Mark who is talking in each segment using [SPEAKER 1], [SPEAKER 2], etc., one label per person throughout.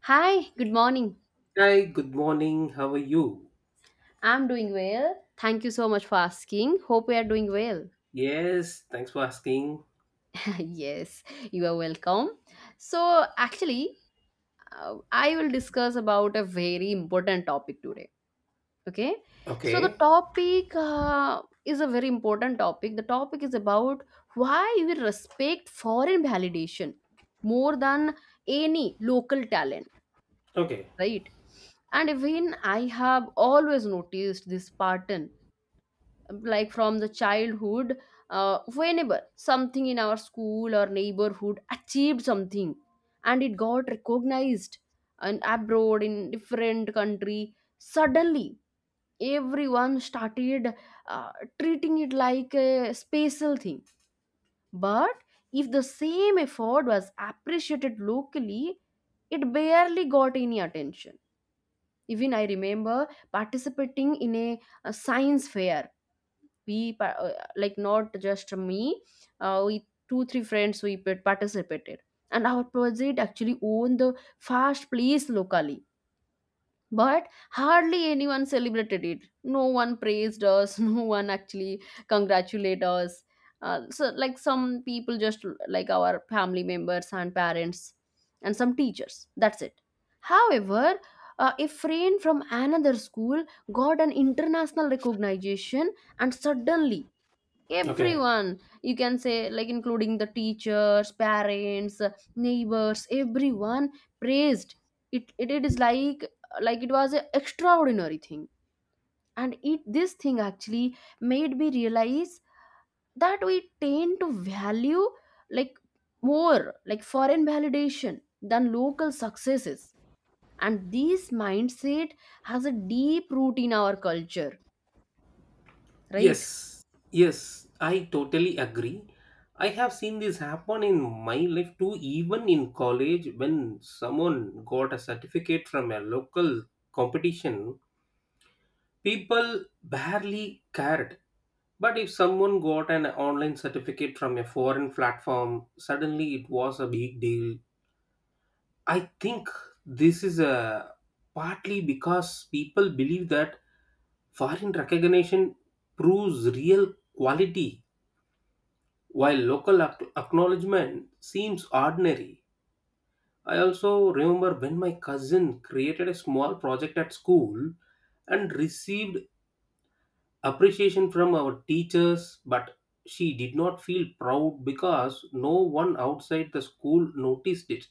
[SPEAKER 1] Hi, good morning.
[SPEAKER 2] Hi, good morning. How are you?
[SPEAKER 1] I'm doing well. Thank you so much for asking. Hope we are doing well.
[SPEAKER 2] Yes, thanks for asking.
[SPEAKER 1] yes, you are welcome. So, actually, I will discuss about a very important topic today. Okay? So, the
[SPEAKER 2] Okay,
[SPEAKER 1] topic is a very important topic. the topic is about why we respect foreign validation more than any local talent,
[SPEAKER 2] okay,
[SPEAKER 1] right? And even I have always noticed this pattern, like from the childhood. Whenever something in our school or neighborhood achieved something and it got recognized and abroad in different country, suddenly everyone started, uh, treating it like a special thing. But if the same effort was appreciated locally, it barely got any attention. Even I remember participating in a science fair. Like, not just me, we 2, 3 friends, participated, and our project actually won the first place locally, but hardly anyone celebrated it. No one praised us, no one actually congratulated us. So like, some people, just like our family members and parents and some teachers, that's it. However, a friend from another school got an international recognition, and suddenly,
[SPEAKER 2] okay.
[SPEAKER 1] everyone, you can say, like including the teachers, parents, neighbors, everyone praised It is like it was an extraordinary thing. And it This thing actually made me realize that we tend to value, like, more like foreign validation than local successes, and this mindset has a deep root in our culture, right?
[SPEAKER 2] Yes, yes, I totally agree. I have seen this happen in my life too, even in college when someone got a certificate from a local competition, people barely cared. But if someone got an online certificate from a foreign platform, suddenly it was a big deal. I think this is a partly because people believe that foreign recognition proves real quality, while local acknowledgement seems ordinary. I also remember when my cousin created a small project at school and received appreciation from our teachers, but she did not feel proud because no one outside the school noticed it.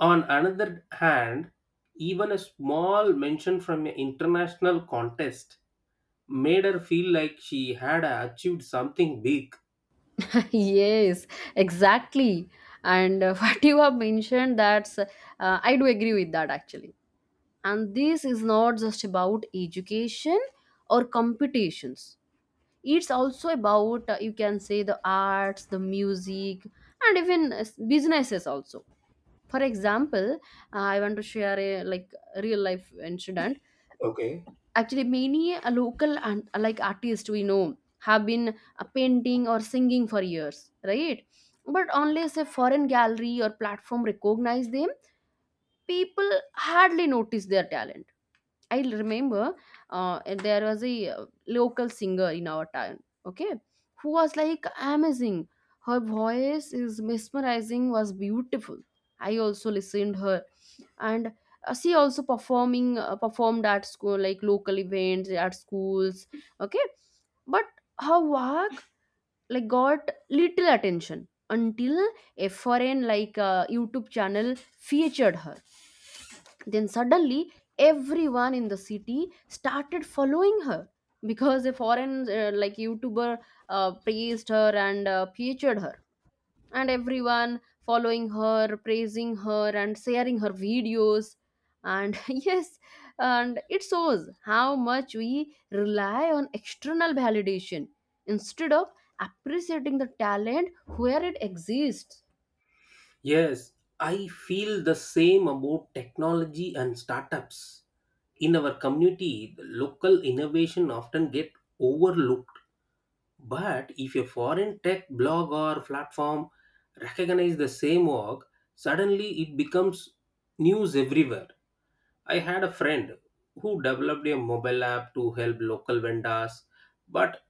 [SPEAKER 2] On another hand, even a small mention from an international contest made her feel like she had achieved something big.
[SPEAKER 1] Yes, exactly. And what you have mentioned, that's I do agree with that actually. And this is not just about education or competitions, it's also about, you can say, the arts, the music, and even businesses also. For example, I want to share a, like, real life incident.
[SPEAKER 2] Okay.
[SPEAKER 1] Actually, many local and, like, artists we know have been painting or singing for years, right? But unless a foreign gallery or platform recognize them, people hardly notice their talent. I remember, there was a, local singer in our town, okay, who was, like, amazing. Her voice is mesmerizing, was beautiful. I also listened her, and she also performing performed at school, like local events at schools, okay. But her work, like, got little attention until a foreign, like, YouTube channel featured her. Then suddenly, everyone in the city started following her because a foreign, like, YouTuber praised her and featured her, and everyone following her, praising her, and sharing her videos. And yes, and it shows how much we rely on external validation instead of appreciating the talent where it exists.
[SPEAKER 2] Yes, I feel the same about technology and startups. In our community, the local innovation often get overlooked. But if a foreign tech blog or platform recognize the same work, suddenly it becomes news everywhere. I had a friend who developed a mobile app to help local vendors, but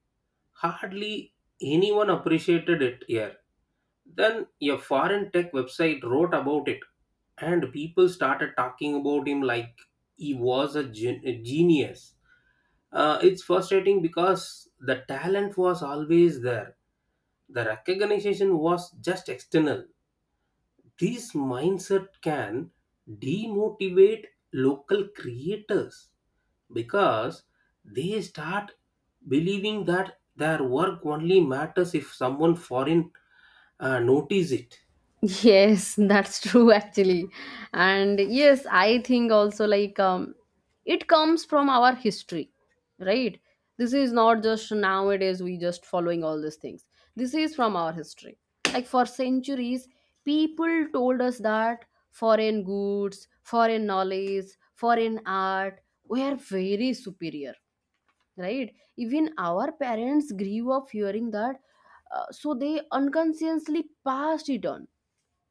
[SPEAKER 2] hardly anyone appreciated it here. Then a foreign tech website wrote about it, and people started talking about him like he was a genius. It's frustrating because the talent was always there, the recognition was just external. This mindset can demotivate local creators because they start believing that their work only matters if someone foreign notice it.
[SPEAKER 1] Yes, that's true actually. And yes, I think also, like, um, it comes from our history, right? This is not just nowadays we just following all these things. This is from our history. Like, for centuries, people told us that foreign goods, foreign knowledge, foreign art were very superior, right? Even our parents grew up hearing that. So they unconsciously passed it on.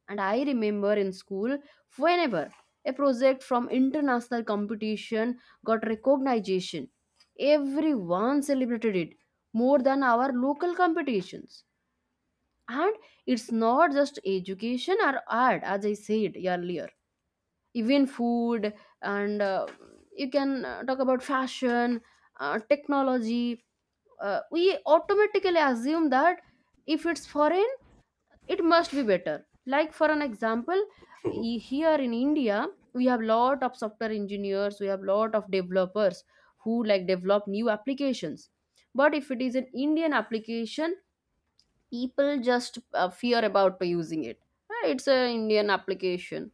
[SPEAKER 1] And I remember in school, whenever a project from international competition got recognition, everyone celebrated it more than our local competitions. And it's not just education or art, as I said earlier. Even food, and, you can, talk about fashion, technology. We automatically assume that if it's foreign, it must be better. Like, for an example, here in india, we have lot of software engineers, we have lot of developers who, like, develop new applications. But if it is an indian application, people just fear about using it. Ah, it's an indian application,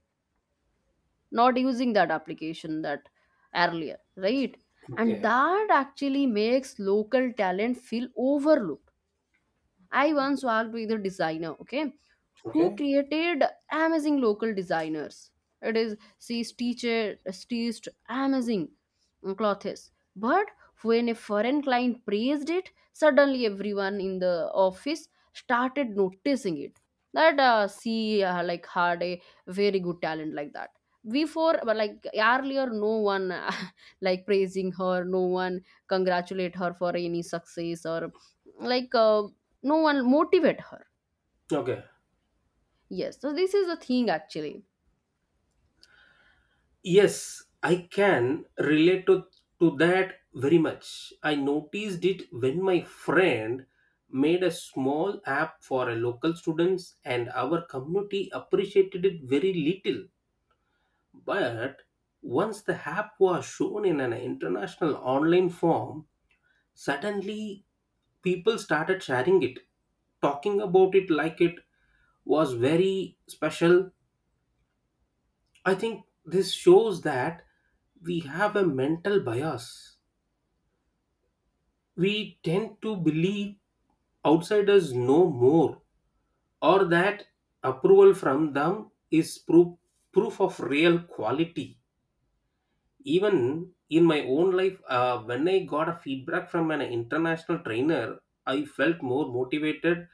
[SPEAKER 1] not using that application, that earlier, right? And
[SPEAKER 2] Okay.
[SPEAKER 1] that actually makes local talent feel overlooked. I once worked with a designer, okay, who
[SPEAKER 2] Okay.
[SPEAKER 1] created amazing local designers. It is, she teacher stitched amazing, clothes, but when a foreign client praised it, suddenly everyone in the office started noticing it. That she, like, had a very good talent like that. Before, but like earlier, no one, like, praising her, no one congratulate her for any success, or like, no one motivate her.
[SPEAKER 2] Okay,
[SPEAKER 1] Yes, so this is the thing actually.
[SPEAKER 2] yes, I can relate to that very much. I noticed it when my friend made a small app for a local students and our community appreciated it very little, but once the app was shown in an international online form, suddenly, people started sharing it, talking about it like it was very special. I think this shows that we have a mental bias. We tend to believe outsiders know more, or that approval from them is proof, proof of real quality. Even in my own life, when I got a feedback from an international trainer, I felt more motivated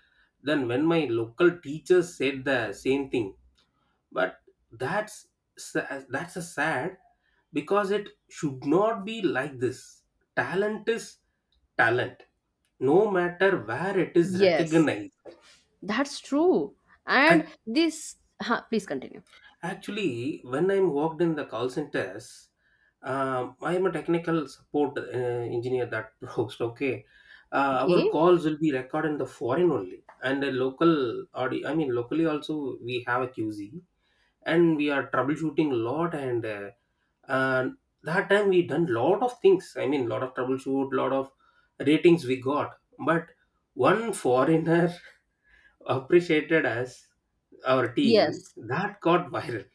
[SPEAKER 2] than when my local teachers said the same thing. But that's that's a sad because it should not be like this. Talent is talent, no matter where it is
[SPEAKER 1] Yes,
[SPEAKER 2] recognized.
[SPEAKER 1] that's true. And
[SPEAKER 2] I
[SPEAKER 1] this, huh, please continue.
[SPEAKER 2] Actually, when I'm worked in the call centers, I am a technical support engineer that works. Okay, our
[SPEAKER 1] Okay,
[SPEAKER 2] calls will be recorded in the foreign only, and the local audio. I mean, locally also we have a QZ, and we are troubleshooting a lot. And uh, that time we done lot of things. I mean, lot of troubleshoot, lot of ratings we got. But one foreigner appreciated us, our team,
[SPEAKER 1] yes,
[SPEAKER 2] that got viral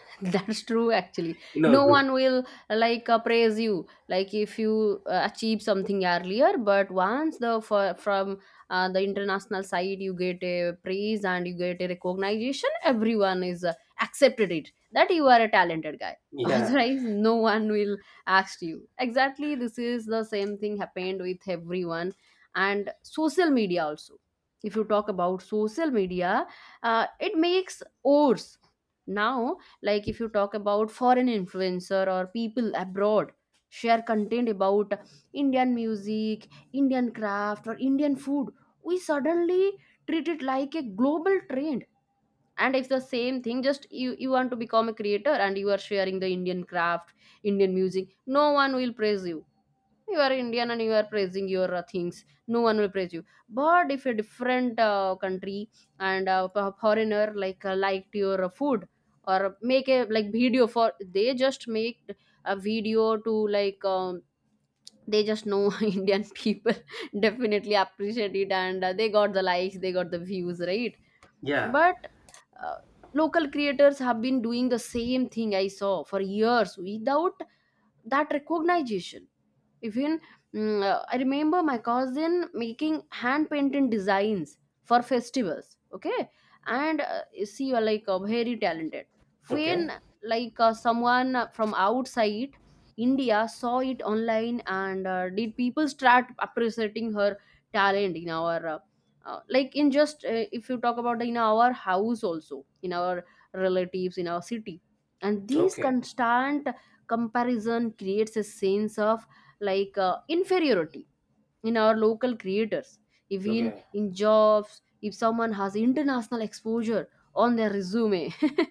[SPEAKER 1] that's true actually.
[SPEAKER 2] in our
[SPEAKER 1] No
[SPEAKER 2] group.
[SPEAKER 1] one will, like, praise you, like, if you achieve something earlier. But once the from the international side, you get a praise and you get a recognition, everyone is accepted it that you are a talented guy.
[SPEAKER 2] Yeah,
[SPEAKER 1] Otherwise no one will ask you. Exactly, this is the same thing happened with everyone. And social media also, if you talk about social media, it makes ours now, like, if you talk about foreign influencer or people abroad share content about indian music, indian craft or indian food, we suddenly treat it like a global trend. And if the same thing, just you, want to become a creator and you are sharing the indian craft, indian music, no one will praise you. You are Indian and you are praising your things. No one will praise you. But if a different country, and foreigner, like, liked your food, or make a, like, video for, they just make a video to like, they just know, Indian people definitely appreciate it, and they got the likes, they got the views, right?
[SPEAKER 2] yeah.
[SPEAKER 1] But uh, local creators have been doing the same thing, I saw, for years without that recognition. Even, I remember my cousin making hand painted designs for festivals. Okay, and you see, like, very talented.
[SPEAKER 2] Okay,
[SPEAKER 1] When, like, someone from outside India saw it online, and did people start appreciating her talent in our, like, in just, if you talk about, in our house also, in our relatives, in our city. And this
[SPEAKER 2] okay,
[SPEAKER 1] constant comparison creates a sense of, like, inferiority in our local creators. Even
[SPEAKER 2] okay,
[SPEAKER 1] in jobs, if someone has international exposure on their resume,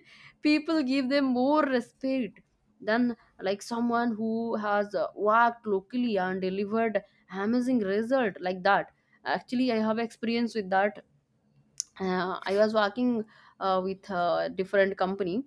[SPEAKER 1] people give them more respect than, like, someone who has worked locally and delivered amazing result like that. Actually I have experience with that. I was working with a different company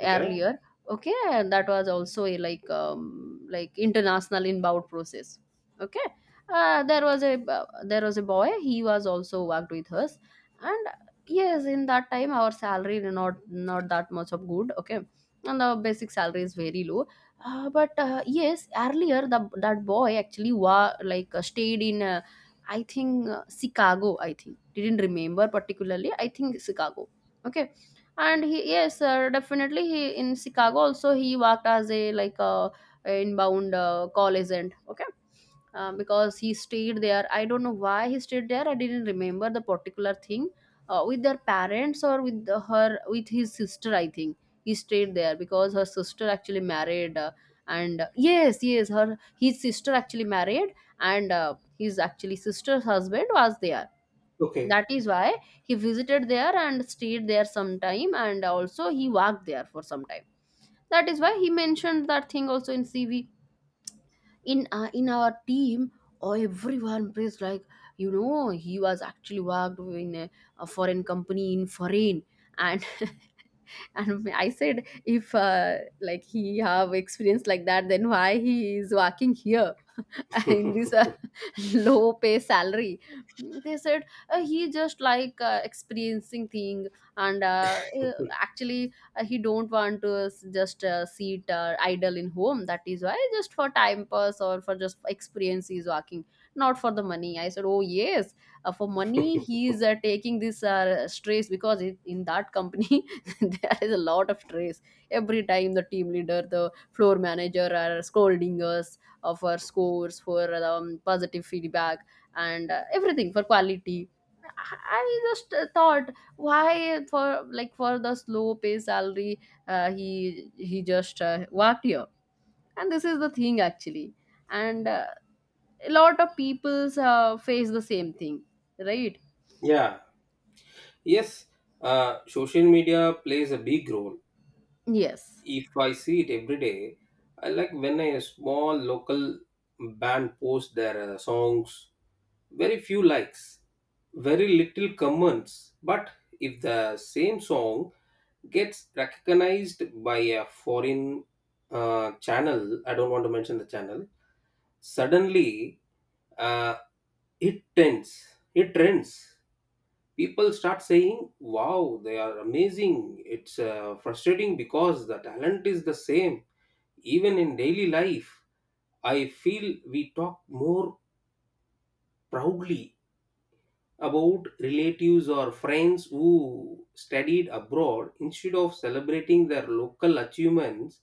[SPEAKER 2] okay,
[SPEAKER 1] earlier. Okay, and that was also a, like, like, international inbound process. Okay, there was a boy. He was also worked with us, and yes, in that time our salary, not that much of good. Okay, and the basic salary is very low. But Yes, earlier, the that boy actually like, stayed in a, I think, Chicago. I think, didn't remember particularly. I think Chicago. Okay, and he, yes, definitely he, in Chicago also he worked as a, like, a inbound, call agent. Okay, because he stayed there. I don't know why he stayed there. I didn't remember the particular thing, with their parents, or with her, with his sister, I think. He stayed there because her sister actually married. And Yes, yes, her his sister actually married, and his actually sister's husband was there.
[SPEAKER 2] okay.
[SPEAKER 1] That is why he visited there and stayed there some time, and also he worked there for some time. That is why he mentioned that thing also in CV, in, in our team, or everyone praised, like, you know, he was actually worked in a foreign company in foreign. And and I said, if, like, he have experience like that, then why he is working here, in this, low pay salary. They said, he just, like, experiencing thing. And Actually he don't want to just sit idle in home. That is why, just for time pass or for just experience, he is working, not for the money. I said, oh yes, for money he is taking this stress, because in that company there is a lot of stress. Every time the team leader, the floor manager are scolding us, for scores, for, positive feedback, and everything, for quality. I just thought, why, for, like, for the slow pay salary, uh, he he just worked here. And this is the thing actually. And, a lot of people's face the same thing, right?
[SPEAKER 2] Yeah, yes, social media plays a big role.
[SPEAKER 1] Yes,
[SPEAKER 2] If I see it every day, I like when a small local band posts their songs, very few likes, very little comments. But if the same song gets recognized by a foreign channel, I don't want to mention the channel, suddenly uh, it trends. It trends. People start saying, "Wow, they are amazing." It's frustrating because the talent is the same. Even in daily life, I feel we talk more proudly about relatives or friends who studied abroad instead of celebrating their local achievements.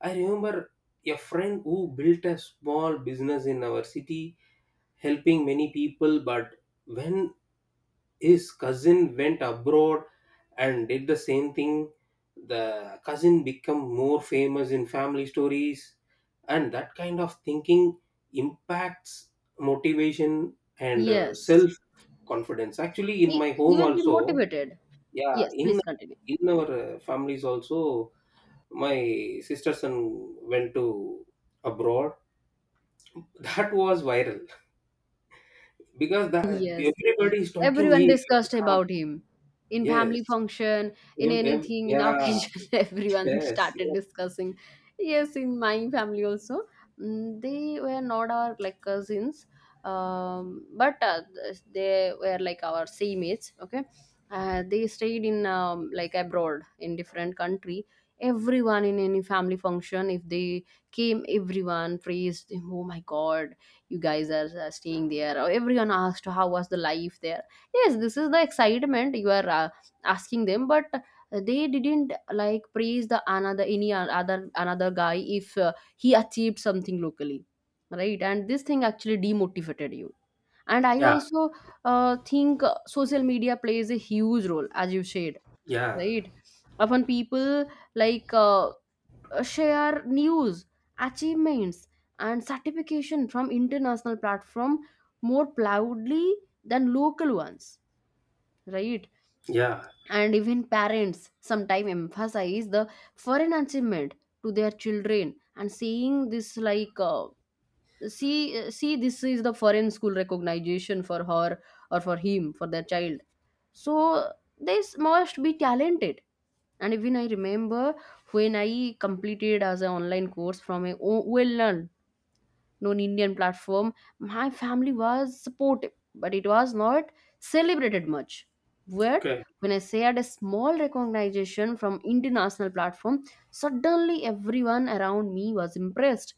[SPEAKER 2] I remember a friend who built a small business in our city helping many people, but when his cousin went abroad and did the same thing, the cousin become more famous in family stories, and that kind of thinking impacts motivation and
[SPEAKER 1] yes,
[SPEAKER 2] self confidence. Actually, in
[SPEAKER 1] he,
[SPEAKER 2] my
[SPEAKER 1] he
[SPEAKER 2] home
[SPEAKER 1] will be
[SPEAKER 2] also.
[SPEAKER 1] motivated.
[SPEAKER 2] Yeah,
[SPEAKER 1] Yes,
[SPEAKER 2] in
[SPEAKER 1] please continue.
[SPEAKER 2] in our families also, my sister son went to abroad. That was viral because that,
[SPEAKER 1] Yes,
[SPEAKER 2] everybody is talking,
[SPEAKER 1] everyone
[SPEAKER 2] eh,
[SPEAKER 1] discussed
[SPEAKER 2] yeah,
[SPEAKER 1] about him in
[SPEAKER 2] yes,
[SPEAKER 1] family function, in
[SPEAKER 2] em, em,
[SPEAKER 1] anything, in
[SPEAKER 2] yeah,
[SPEAKER 1] occasion. Everyone
[SPEAKER 2] yes, yeah,
[SPEAKER 1] started discussing. Yes, in my family also, they were not our, like, cousins, but they were, like, our same age, okay. They stayed in, like, abroad in different country. Everyone in any family function, if they came, everyone praised him, oh my god, you guys are staying there, or everyone asked How was the life there? Yes, this is the excitement. You are asking them, but they didn't like praise the another any other another guy if he achieved something locally, right? And this thing actually demotivated you. And I
[SPEAKER 2] yeah,
[SPEAKER 1] also think social media plays a huge role as you said,
[SPEAKER 2] yeah,
[SPEAKER 1] right? Often people like uh, share news, achievements and certification from international platform more proudly than local ones, right?
[SPEAKER 2] yeah.
[SPEAKER 1] And even parents sometimes emphasize the foreign achievement to their children and saying this like, see, this is the foreign school recognition for her or for him, for their child. So they must be talented. And even I remember when I completed as an online course from a well known Indian platform, my family was supportive, but it was not celebrated much. But
[SPEAKER 2] Okay.
[SPEAKER 1] when I shared a small recognition from international platform, suddenly everyone around me was impressed,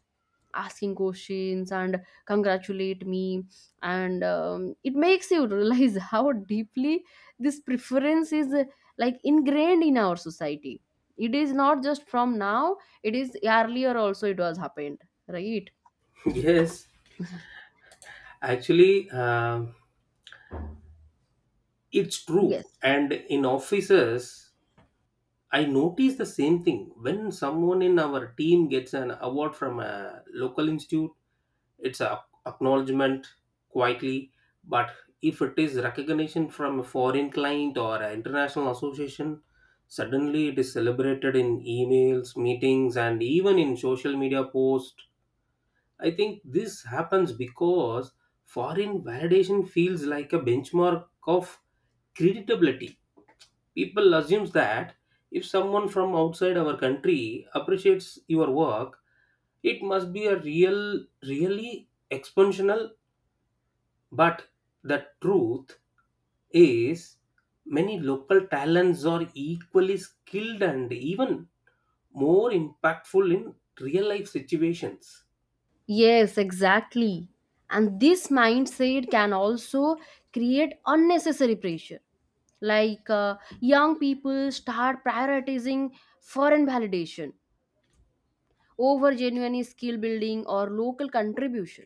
[SPEAKER 1] asking questions and congratulate me. And it makes you realize how deeply this preference is like ingrained in our society. It is not just from now, it is earlier also it was happened, right?
[SPEAKER 2] Yes, actually, it's true.
[SPEAKER 1] Yes.
[SPEAKER 2] And in offices I notice the same thing when someone in our team gets an award from a local institute, it's a acknowledgement quietly, but if it is recognition from a foreign client or an international association, suddenly it is celebrated in emails, meetings, and even in social media posts. I think this happens because foreign validation feels like a benchmark of creditability. People assumes that if someone from outside our country appreciates your work, it must be a real, really expansional. But the truth is, many local talents are equally skilled and even more impactful in real life situations.
[SPEAKER 1] Yes, exactly. And this mindset can also create unnecessary pressure. Like, young people start prioritizing foreign validation over genuine skill building or local contribution.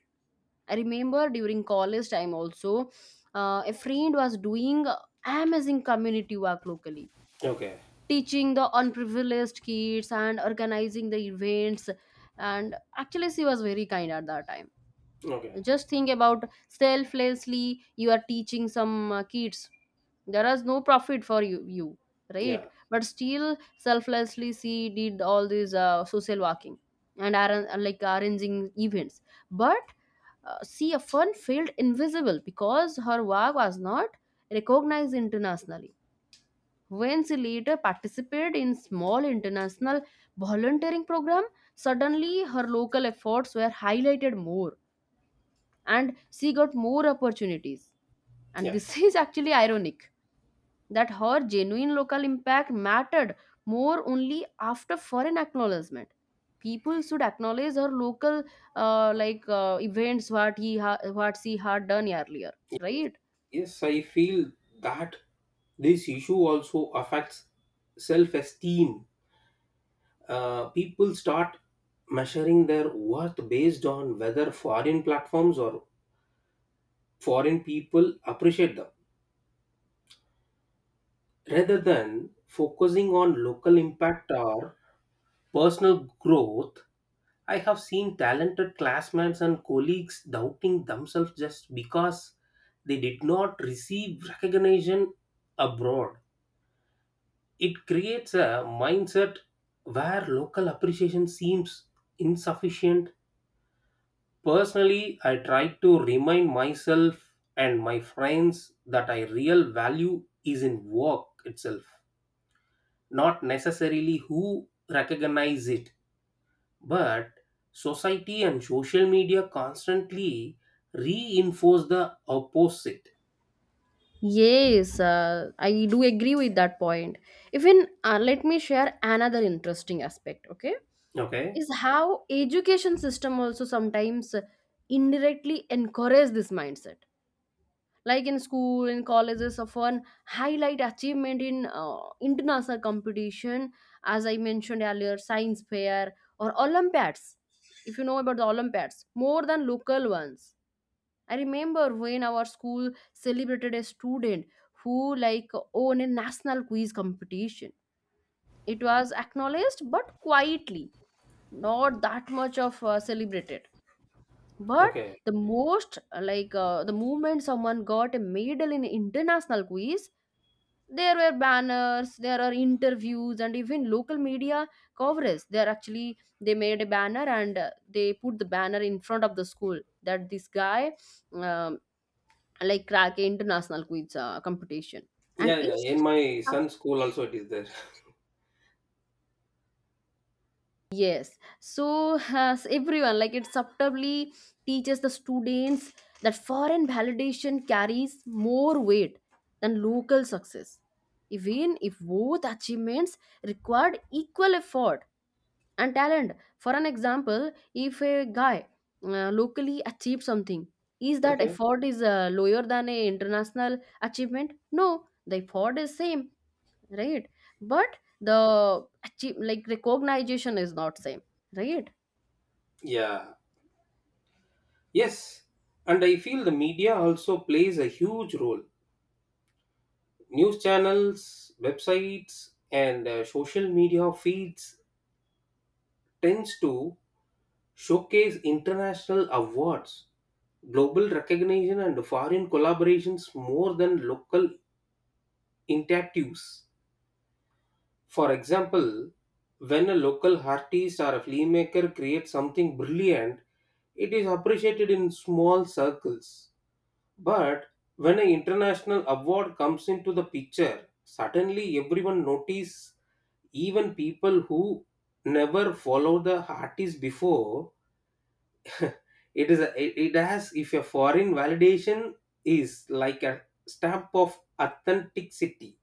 [SPEAKER 1] I remember during college time also, a friend was doing amazing community work locally,
[SPEAKER 2] Okay.
[SPEAKER 1] teaching the unprivileged kids and organizing the events. And actually, she was very kind at that time.
[SPEAKER 2] Okay.
[SPEAKER 1] Just think about selflessly you are teaching some kids, there is no profit for you, you
[SPEAKER 2] Yeah.
[SPEAKER 1] right? But still selflessly she did all these social working and like arranging events. But she often felt invisible because her work was not recognized internationally. When she later participated in small international volunteering program, suddenly her local efforts were highlighted more and she got more opportunities. And
[SPEAKER 2] Yeah.
[SPEAKER 1] this is actually ironic that her genuine local impact mattered more only after foreign acknowledgement. People should acknowledge her local events, what what she had done earlier,
[SPEAKER 2] Yes,
[SPEAKER 1] right?
[SPEAKER 2] yes, I feel that this issue also affects self esteem. People start measuring their worth based on whether foreign platforms or foreign people appreciate them. Rather than focusing on local impact or personal growth, I have seen talented classmates and colleagues doubting themselves just because they did not receive recognition abroad. It creates a mindset where local appreciation seems insufficient. Personally, I try to remind myself and my friends that I real value is in work itself, not necessarily who recognize it, but society and social media constantly reinforce the opposite.
[SPEAKER 1] Yes, I do agree with that point. Even let me share another interesting aspect. Okay,
[SPEAKER 2] Okay.
[SPEAKER 1] is how education system also sometimes indirectly encourage this mindset, like in school, in colleges of one highlight achievement in international competition. As I mentioned earlier, science fair or olympiads, if you know about the olympiads, more than local ones. I remember when our school celebrated a student who like won a national quiz competition, it was acknowledged but quietly, not that much of celebrated. But
[SPEAKER 2] Okay.
[SPEAKER 1] the most the moment someone got a medal in international quiz, there were banners, there are interviews and even local media coverage. There actually they made a banner and they put the banner in front of the school that this guy um, like crack a international quiz competition. And
[SPEAKER 2] Yeah, yeah.
[SPEAKER 1] it's.
[SPEAKER 2] In my son's school also it is there.
[SPEAKER 1] Yes. So has everyone, like it subtly teaches the students that foreign validation carries more weight than local success, even if both achievements required equal effort and talent. For an example, if a guy locally achieves something, is that
[SPEAKER 2] Okay.
[SPEAKER 1] effort is lower than a international achievement? No, the effort is same, right? But the achieve, like recognition is not same, right?
[SPEAKER 2] Yeah. Yes. And I feel the media also plays a huge role. News channels, websites, and social media feeds tends to showcase international awards, global recognition and foreign collaborations more than local initiatives. For example, when a local artist or a filmmaker creates something brilliant, it is appreciated in small circles. But when an international award comes into the picture, suddenly everyone notices, even people who never followed the artist before. It is it has, if a foreign validation is like a stamp of authenticity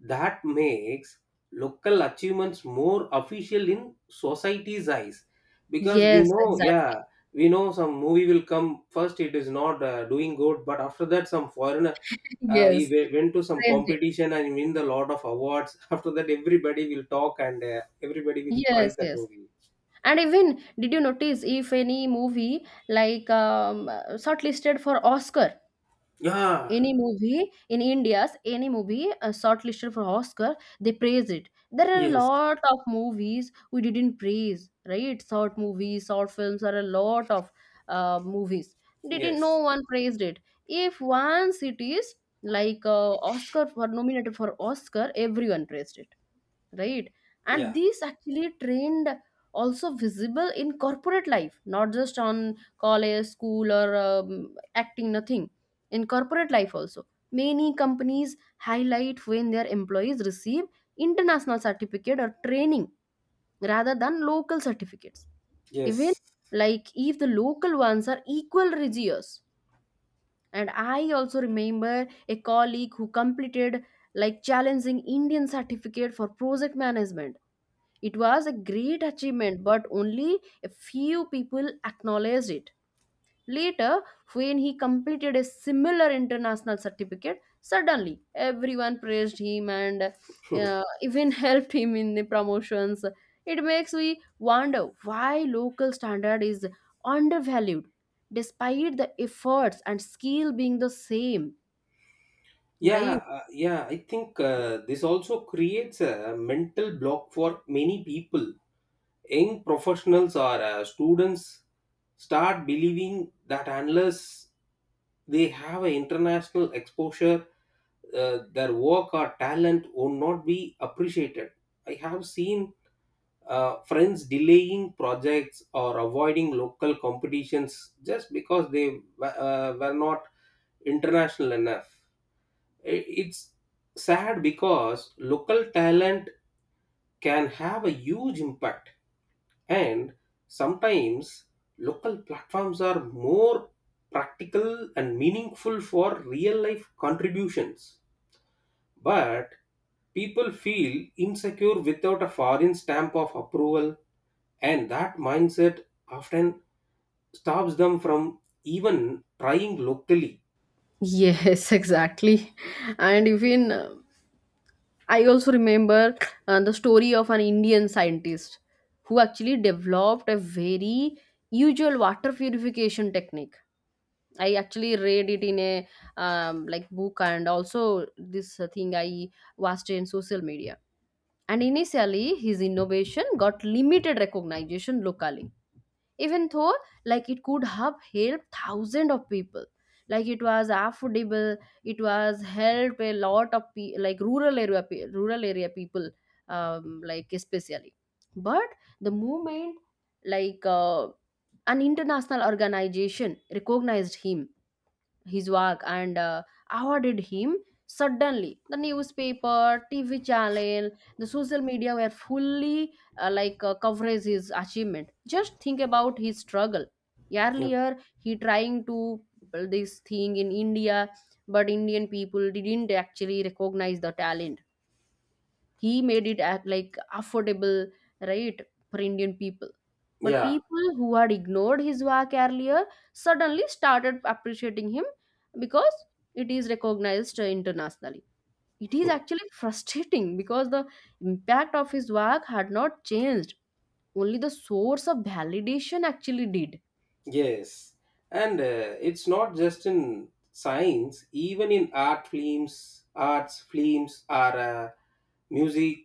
[SPEAKER 2] that makes local achievements more official in society's eyes, because we
[SPEAKER 1] Yes,
[SPEAKER 2] know,
[SPEAKER 1] exactly.
[SPEAKER 2] yeah, we know some movie will come first, it is not doing good, but after that some foreigner
[SPEAKER 1] Yes,
[SPEAKER 2] went to some
[SPEAKER 1] praised it.
[SPEAKER 2] competition and win the lot of awards. After that everybody will talk and everybody will
[SPEAKER 1] Yes,
[SPEAKER 2] prize that
[SPEAKER 1] yes.
[SPEAKER 2] movie.
[SPEAKER 1] And even did you notice if any movie like shortlisted for oscar,
[SPEAKER 2] Yeah,
[SPEAKER 1] any movie in india's any movie shortlisted for oscar, they praise it. There are a
[SPEAKER 2] yes,
[SPEAKER 1] lot of movies we didn't praise, right? Short movies, short films, are a lot of movies, didn't no
[SPEAKER 2] yes,
[SPEAKER 1] one praised it. If once it is like, oscar for nominated for oscar, everyone praised it, right? And
[SPEAKER 2] yeah.
[SPEAKER 1] these actually trained also visible in corporate life, not just on college, school or acting, nothing. In corporate life also, many companies highlight when their employees receive international certificate or training rather than local certificates, even
[SPEAKER 2] Yes.
[SPEAKER 1] like if the local ones are equal rigorous. And I also remember a colleague who completed like challenging indian certificate for project management. It was a great achievement, but only a few people acknowledged it. Later, when he completed a similar international certificate, suddenly everyone praised him and even helped him in the promotions. It makes me wonder why local standard is undervalued despite the efforts and skill being the same, right?
[SPEAKER 2] Yeah, yeah. I think this also creates a mental block for many people. Young professionals or students start believing that unless they have an international exposure, their work or talent will not be appreciated. I have seen friends delaying projects or avoiding local competitions just because they were not international enough. It's sad because local talent can have a huge impact, and sometimes local platforms are more practical and meaningful for real life contributions. But people feel insecure without a foreign stamp of approval, and that mindset often stops them from even trying locally.
[SPEAKER 1] Yes, exactly. And even I also remember the story of an Indian scientist who actually developed a very usual water purification technique. I actually read it in a like book and also this thing I watched in social media. And initially, his innovation got limited recognition locally, even though like it could have helped thousands of people, like it was affordable, it was helped a lot of like rural area rural area people, like especially. But the movement like, an international organization recognized him, his work and awarded him. Suddenly the newspaper, tv channel, the social media were fully coverage his achievement. Just think about his struggle. Earlier he trying to build this thing in india, but indian people didn't actually recognize the talent. He made it act like affordable, right, for Indian people. But
[SPEAKER 2] Yeah,
[SPEAKER 1] people who had ignored his work earlier suddenly started appreciating him because it is recognized internationally. It is actually frustrating because the impact of his work had not changed. Only the source of validation actually did.
[SPEAKER 2] yes, and it's not just in science. Even in arts films are music.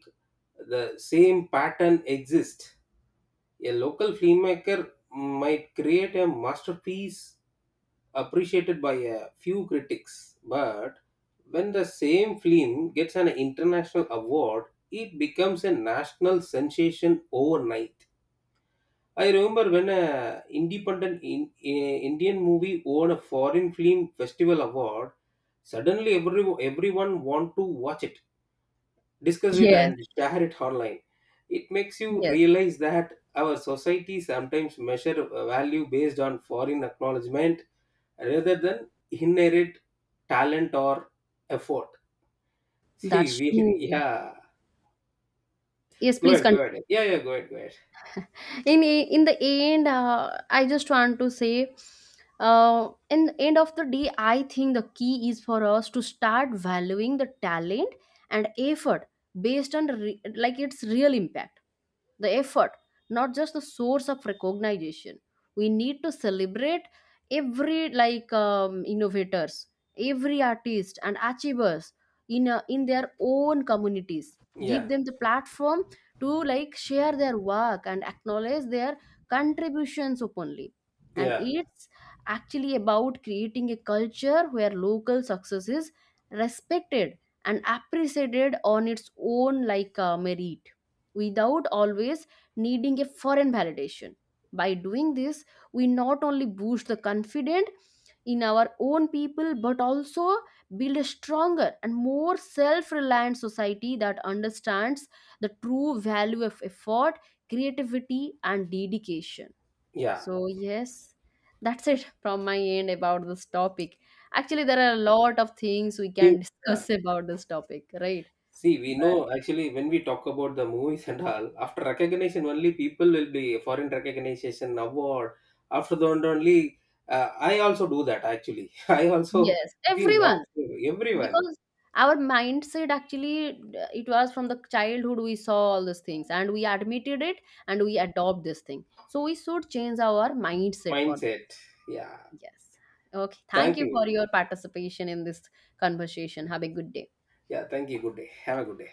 [SPEAKER 2] The same pattern exists. A local filmmaker might create a masterpiece appreciated by a few critics, but when the same film gets an international award, it becomes a national sensation overnight. I remember when a independent in, a Indian movie won a foreign film festival award. Suddenly, everyone want to watch it, discuss it,
[SPEAKER 1] Yes,
[SPEAKER 2] and share it online. It makes you
[SPEAKER 1] yes,
[SPEAKER 2] realize that our society sometimes measure value based on foreign acknowledgement rather than inherent talent or effort. See,
[SPEAKER 1] that's
[SPEAKER 2] we
[SPEAKER 1] true.
[SPEAKER 2] yeah.
[SPEAKER 1] Yes,
[SPEAKER 2] Go
[SPEAKER 1] please
[SPEAKER 2] ahead, go ahead.
[SPEAKER 1] continue.
[SPEAKER 2] Yeah, yeah, go ahead, go ahead.
[SPEAKER 1] In the end I just want to say, uh, in the end of the day, I think the key is for us to start valuing the talent and effort based on like its real impact, the effort, not just the source of recognition. We need to celebrate every like, innovators, every artist and achievers in a, in their own communities.
[SPEAKER 2] Yeah,
[SPEAKER 1] Give them the platform to like share their work and acknowledge their contributions openly. And
[SPEAKER 2] yeah,
[SPEAKER 1] it's actually about creating a culture where local success is respected and appreciated on its own like, merit, without always needing a foreign validation. By doing this, we not only boost the confidence in our own people but also build a stronger and more self reliant society that understands the true value of effort, creativity, and dedication.
[SPEAKER 2] yeah.
[SPEAKER 1] So, yes, that's it from my end about this topic. Actually, there are a lot of things we
[SPEAKER 2] See,
[SPEAKER 1] can
[SPEAKER 2] yeah.
[SPEAKER 1] discuss about this topic, right?
[SPEAKER 2] See, we
[SPEAKER 1] But
[SPEAKER 2] know actually when we talk about the movies and all, after recognition only people will be foreign recognition award. After that only, I also do that actually. I also
[SPEAKER 1] yes,
[SPEAKER 2] seen
[SPEAKER 1] everyone,
[SPEAKER 2] lots of everyone
[SPEAKER 1] because our mindset actually it was from the childhood we saw all these things and we admitted it and we adopt this thing, so we should change our mindset for
[SPEAKER 2] mindset.
[SPEAKER 1] this.
[SPEAKER 2] Yeah,
[SPEAKER 1] Yes. Okay, thank
[SPEAKER 2] thank
[SPEAKER 1] you for
[SPEAKER 2] you.
[SPEAKER 1] your participation in this conversation. Have a good day.
[SPEAKER 2] Yeah, thank you. Good day. Have a good day.